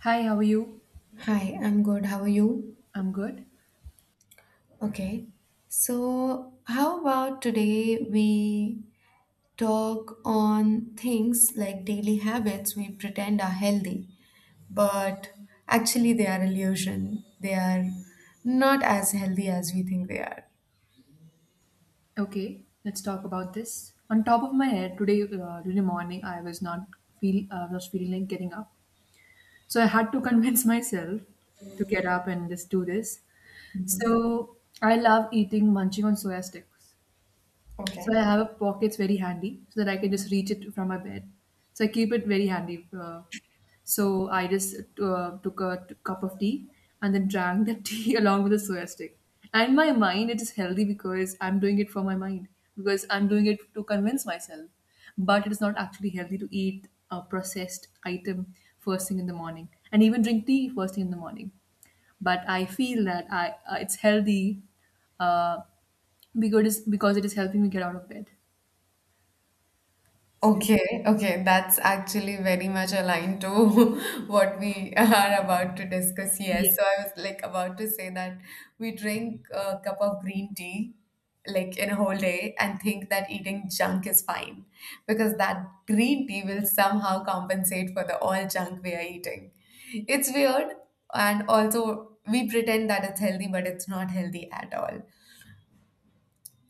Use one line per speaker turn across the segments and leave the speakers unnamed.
Hi, how are you?
Hi, I'm good. How are you?
I'm good.
Okay. So, how about today we talk on things like daily habits we pretend are healthy, but actually they are illusion. They are not as healthy as we think they are.
Okay, let's talk about this. On top of my head, today, today morning, I was not was feeling like getting up, so I had to convince myself to get up and just do this.
Mhm.
So I love eating munching on soya sticks.
Okay.
So I have a pockets very handy so that I can just reach it from my bed. So I keep it very handy. So I just took a cup of tea and then drank the tea along with a soya stick. And in my mind, it is healthy because I'm doing it for my mind because I'm doing it to convince myself. But it is not actually healthy to eat a processed item first thing in the morning and even drink tea first thing in the morning, but I feel that I it's healthy uh, because it is helping me get out of bed. So,
Okay, okay, that's actually very much aligned to what we are about to discuss. Yes, so I
yes.
was like about to say that we drink a cup of green tea like in a whole day and think that eating junk is fine because that green tea will somehow compensate for the all junk we are eating. It's weird, and also we pretend that it's healthy, but it's not healthy at all.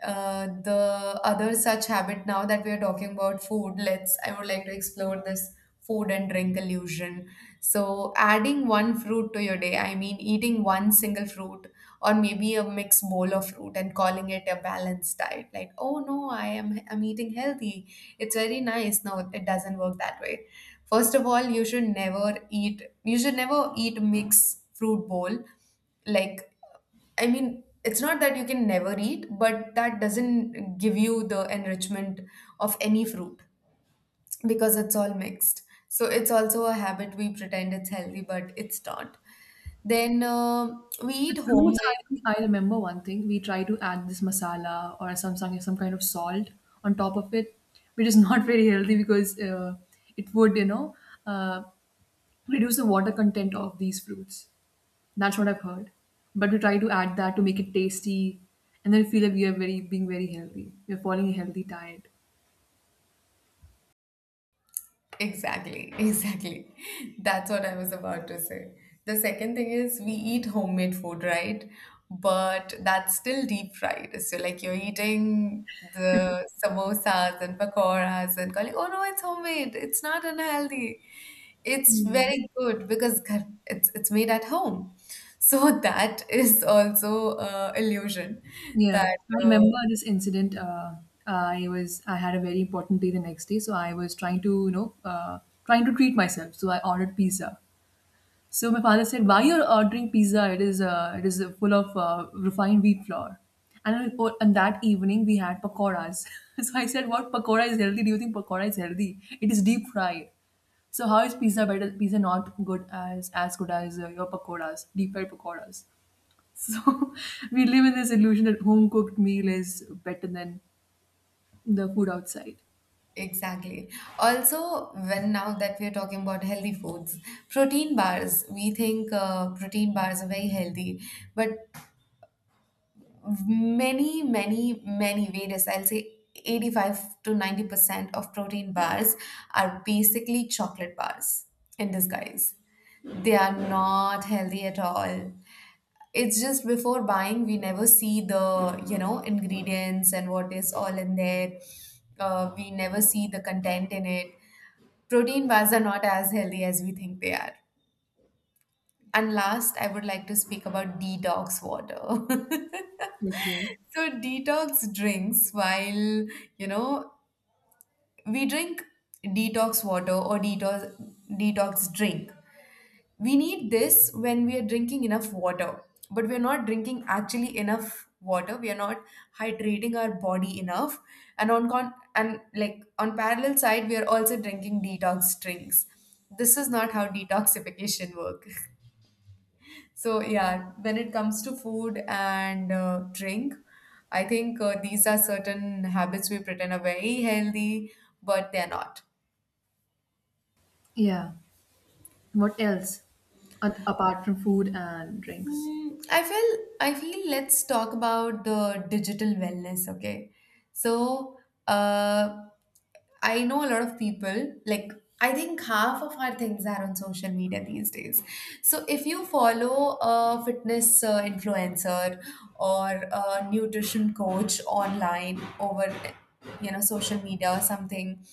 The other such habit, now that we are talking about food, let's I would like to explore this food and drink illusion. So adding one fruit to your day, I mean, eating one single fruit or maybe a mixed bowl of fruit and calling it a balanced diet, like, oh no, I'm eating healthy, it's very nice. No, it doesn't work that way. First of all, you should never eat mixed fruit bowl, like, I mean, it's not that you can never eat, but that doesn't give you the enrichment of any fruit because it's all mixed. So it's also a habit we pretend it's healthy, but it's not. Then we eat
With fruits,
homemade.
I remember one thing. We try to add this masala or some kind of salt on top of it, which is not very healthy because it would, you know, uh, reduce the water content of these fruits. That's what I've heard. But we try to add that to make it tasty, and then feel that we are very being very healthy. We are following a healthy diet.
Exactly, exactly. That's what I was about to say. The second thing is we eat homemade food, right? But that's still deep fried. So like you're eating the samosas and pakoras and calling, oh no, it's homemade, it's not unhealthy, it's very good because it's made at home. So that is also illusion.
Yeah,
That
I remember this incident. I had a very important day the next day, so I was trying to, you know, trying to treat myself. So I ordered pizza. So my father said, "Why you're ordering pizza? It is full of refined wheat flour." And on that evening we had pakoras. So I said, "What, pakora is healthy? Do you think pakora is healthy? It is deep fried." So how is pizza better? Pizza not good as good as your pakoras, deep fried pakoras. So we live in this illusion that home cooked meal is better than the food outside.
Exactly. Also, when now that we're talking about healthy foods, protein bars, we think protein bars are very healthy, but many, many, many various, I'll say 85 to 90% of protein bars are basically chocolate bars in disguise. They are not healthy at all. It's just before buying, we never see the, you know, ingredients and what is all in there. We never see the content in it. Protein bars are not as healthy as we think they are. And last, I would like to speak about detox water.
Okay.
So detox drinks, while, you know, we drink detox water or detox drink, we need this when we are drinking enough water, but we are not drinking actually enough water. We are not hydrating our body enough, and and like on parallel side, we are also drinking detox drinks. This is not how detoxification works. So yeah, when it comes to food and drink, I think these are certain habits we pretend are very healthy, but they're not.
Yeah. What else? Apart from food and drinks.
I feel let's talk about the digital wellness, okay? So, uh, I know a lot of people, like, I think half of our things are on social media these days. So if you follow a fitness influencer or a nutrition coach online over, you know, social media or something,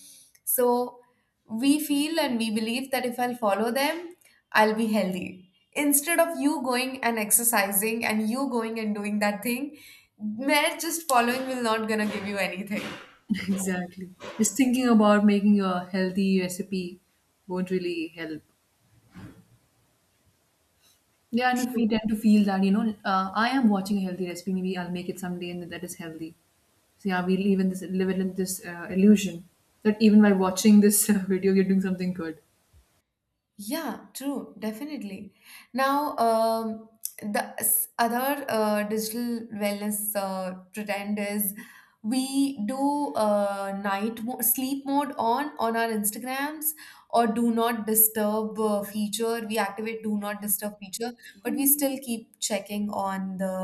so we feel and we believe that if I'll follow them, I'll be healthy. Instead of you going and exercising and you going and doing that thing, mere just following will not gonna give you anything.
Exactly. Just thinking about making a healthy recipe won't really help. Yeah, and if we tend to feel that, you know, I am watching a healthy recipe, maybe I'll make it someday and that is healthy. So yeah, we live in this illusion that even by watching this video, you're doing something good.
Yeah, true, definitely. Now, the other digital wellness trend is we do night mo sleep mode on our Instagrams or do not disturb feature. We activate do not disturb feature, but we still keep checking on the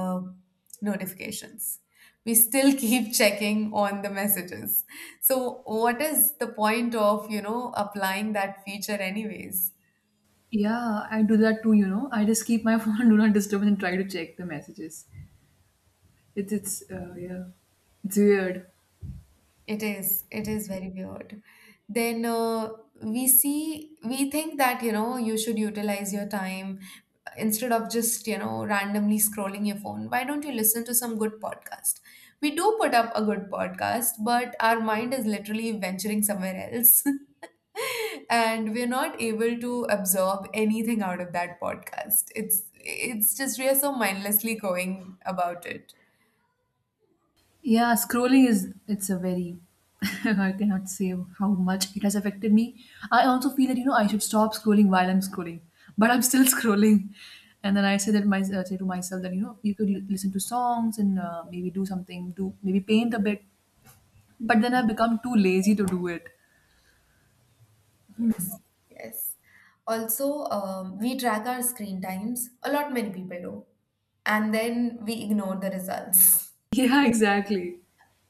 notifications. We still keep checking on the messages. So, what is the point of, you know, applying that feature anyways?
Yeah, I do that too, you know. I just keep my phone on do not disturb and try to check the messages. It's yeah, it's weird.
It is. It is very weird. Then we think that, you know, you should utilize your time instead of just, you know, randomly scrolling your phone. Why don't you listen to some good podcast? We do put up a good podcast, but our mind is literally venturing somewhere else. And we're not able to absorb anything out of that podcast. It's just we are so mindlessly going about it.
Yeah, scrolling is it's a very I cannot say how much it has affected me. I also feel that, you know, I should stop scrolling while I'm scrolling, but I'm still scrolling. And then I say that my say to myself that, you know, you could listen to songs and maybe do something, do maybe paint a bit. But then I become too lazy to do it.
Yes, yes. Also, we track our screen times. A lot many people do. And then we ignore the results.
Yeah, exactly,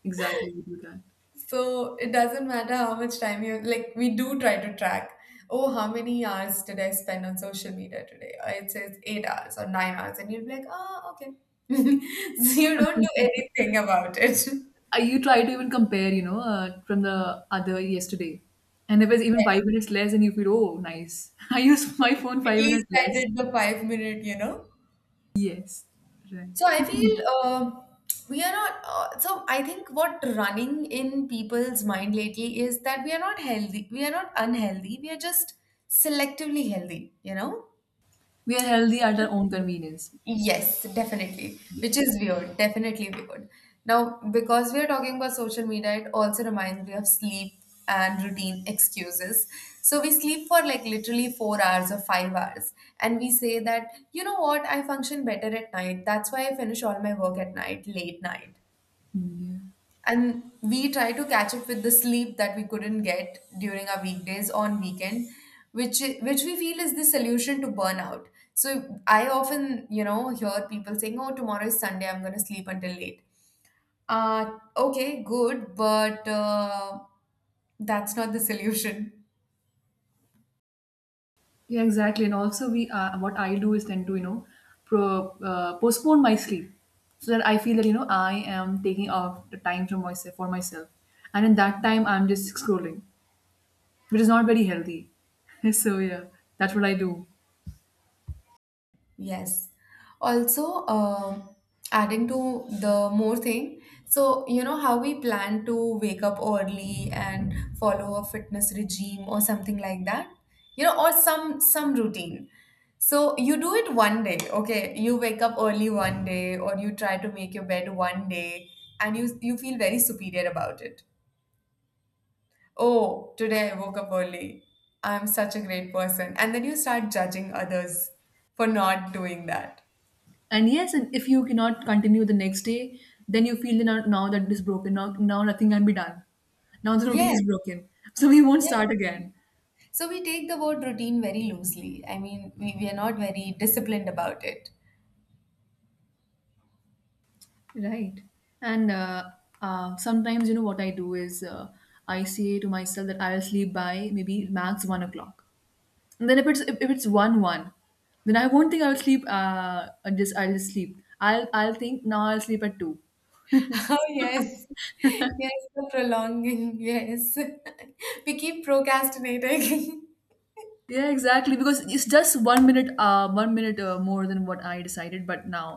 exactly. We do that.
So it doesn't matter how much time you, like, we do try to track. Oh, how many hours did I spend on social media today? Or it says 8 hours or 9 hours, and you'll be like, oh, okay. So you don't do anything about it. Yes.
You try to even compare, you know, from the other yesterday. And if it's even 5 minutes less, and you feel, oh, nice. I use my phone
At
five
least
minutes
I
less.
did the 5 minute, you know?
Yes, right.
So I feel we are not. So I think what running in people's mind lately is that we are not healthy. We are not unhealthy. We are just selectively healthy. You know.
We are healthy at our own convenience.
Yes, definitely. Which
Yes.
is weird, definitely weird. Now, because we are talking about social media, it also reminds me of sleep and routine excuses. So we sleep for like literally 4 hours or 5 hours, and we say that, you know what, I function better at night. That's why I finish all my work at night, late night,
Yeah.
and we try to catch up with the sleep that we couldn't get during our weekdays on weekend, which we feel is the solution to burnout. So I often, you know, hear people saying, oh, tomorrow is Sunday, I'm going to sleep until late. Okay, good, but that's not the solution.
Yeah, exactly. And also, we what I do is tend to, you know, postpone my sleep so that I feel that, you know, I am taking off the time from myself for myself, and in that time I'm just scrolling, which is not very healthy. So yeah, that's what I do.
Yes. Also, adding to the more thing, so you know how we plan to wake up early and follow a fitness regime or something like that, you know, or some routine. So you do it one day, okay? You wake up early one day, or you try to make your bed one day, and you feel very superior about it. Oh, today I woke up early. I'm such a great person. And then you start judging others for not doing that.
And yes, and if you cannot continue the next day, then you feel that now, now that it is broken, now, now nothing can be done, now the routine
Yes,
is broken, so we won't
yeah.
start again.
So we take the word routine very loosely. I mean, we are not very disciplined about it.
Right. And sometimes, you know what I do is, I say to myself that I'll sleep by maybe max 1 o'clock, and then if it's one one, then I won't think I'll sleep, just sleep, I'll think now I'll sleep at two.
Oh, yes. Yes, the prolonging. Yes. We keep procrastinating.
Yeah, exactly, because it's just 1 minute more than what I decided, but now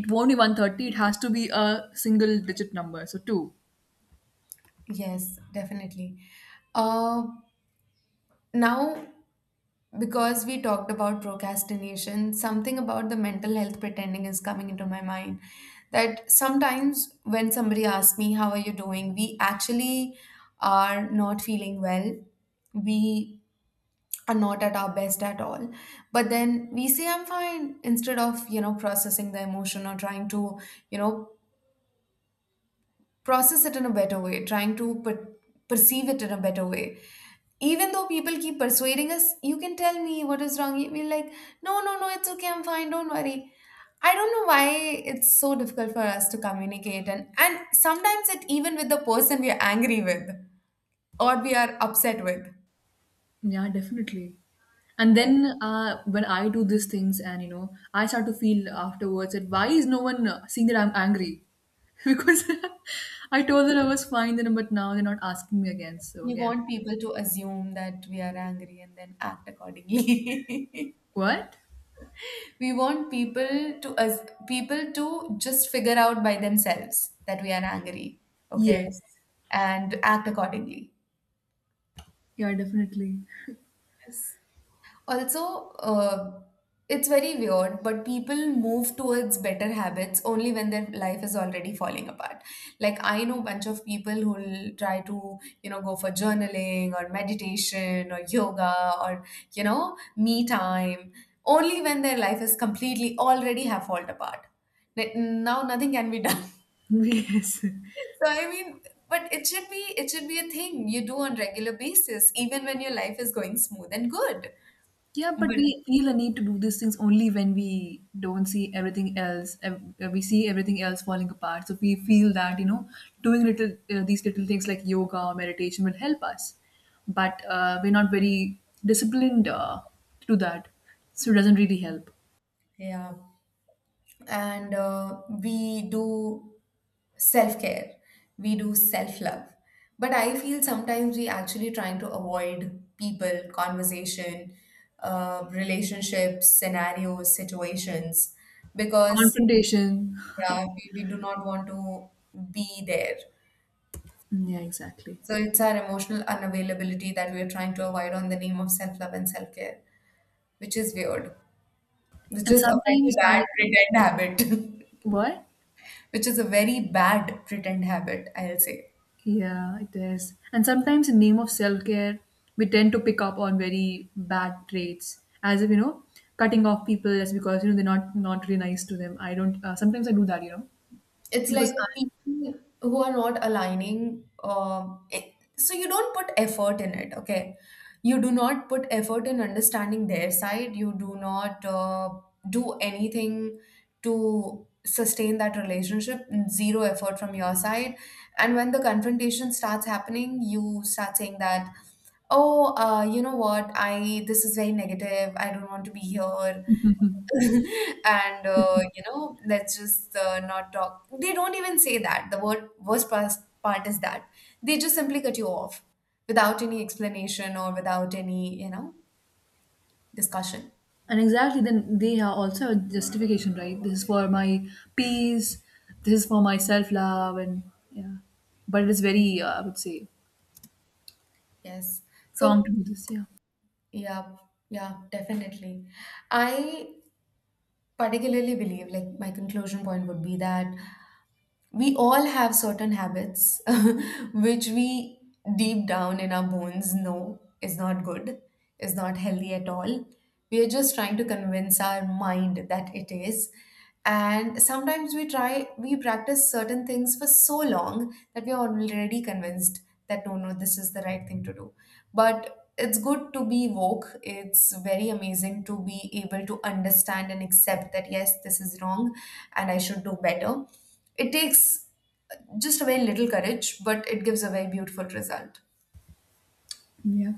it won't be 130, it has to be a single digit number, so 2.
Yes, definitely. Uh, Now, because we talked about procrastination, something about the mental health pretending is coming into my mind. That sometimes when somebody asks me, how are you doing, we actually are not feeling well. We are not at our best at all, but then we say I'm fine instead of, you know, processing the emotion or trying to, you know, process it in a better way, trying to perceive it in a better way, even though people keep persuading us, you can tell me what is wrong. We're like, no, no, no, it's okay, I'm fine, don't worry. I don't know why it's so difficult for us to communicate, and sometimes it even with the person we are angry with or we are upset with.
Yeah, definitely. And
Yeah.
then when I do these things and, you know, I start to feel afterwards that why is no one seeing that I'm angry? Because I told them I was fine then, but now they're not asking me again. So
We
again,
want people to assume that we are angry and then act accordingly.
what?
We want people to as people to just figure out by themselves that we are angry, okay,
Yes.
and act accordingly.
Yeah, definitely.
Yes. Also, it's very weird, but people move towards better habits only when their life is already falling apart. Like, I know a bunch of people who'll try to, you know, go for journaling or meditation or yoga or, you know, me time only when their life is completely already have fallen apart. Now nothing can be done.
Yes.
So I mean, but it should be a thing you do on regular basis, even when your life is going smooth and good.
Yeah, but
But
we feel a need to do these things only when we don't see everything else. We see everything else falling apart. So we feel that, you know, doing little these little things like yoga or meditation will help us. But we're not very disciplined to do that. So it doesn't really help.
yeah. And we do self care, we do self love, but I feel sometimes we actually trying to avoid people conversation, relationships, scenarios, situations because,
Confrontation.
yeah, we do not want to be there.
Yeah, exactly.
So it's our emotional unavailability that we are trying to avoid on the name of self love and self care, which is weird, which
And
is a
sometimes
very
I,
bad pretend habit.
what?
Which is a very bad pretend habit, I'll say.
Yeah, it is. And sometimes, in name of self care, we tend to pick up on very bad traits, as if, you know, cutting off people just because, you know, they're not not really nice to them. I don't. Sometimes I do that, you know,
It's
because I,
like people who are not aligning. So you don't put effort in it, okay? You do not put effort in understanding their side. You do not do anything to sustain that relationship. Zero effort from your side. And when the confrontation starts happening, you start saying that, oh, you know what, I this is very negative, I don't want to be here, and you know, let's just not talk. They don't even say that. The word worst part is that they just simply cut you off without any explanation or without any discussion.
and exactly then they are also a justification, right? This is for my peace. This is for my self love, and yeah. But it is very, I would say,
Yes.
wrong
So
to do this. Yeah,
yeah, yeah, definitely, I particularly believe, like, my conclusion point would be that we all have certain habits which we deep down in our bones know is not good, is not healthy at all. We are just trying to convince our mind that it is. And sometimes we try, we practice certain things for so long that we are already convinced that no, no, this is the right thing to do. But it's good to be woke. It's very amazing to be able to understand and accept that, yes, this is wrong and I should do better. It takes just a very little courage, but it gives a very beautiful result.
yeah.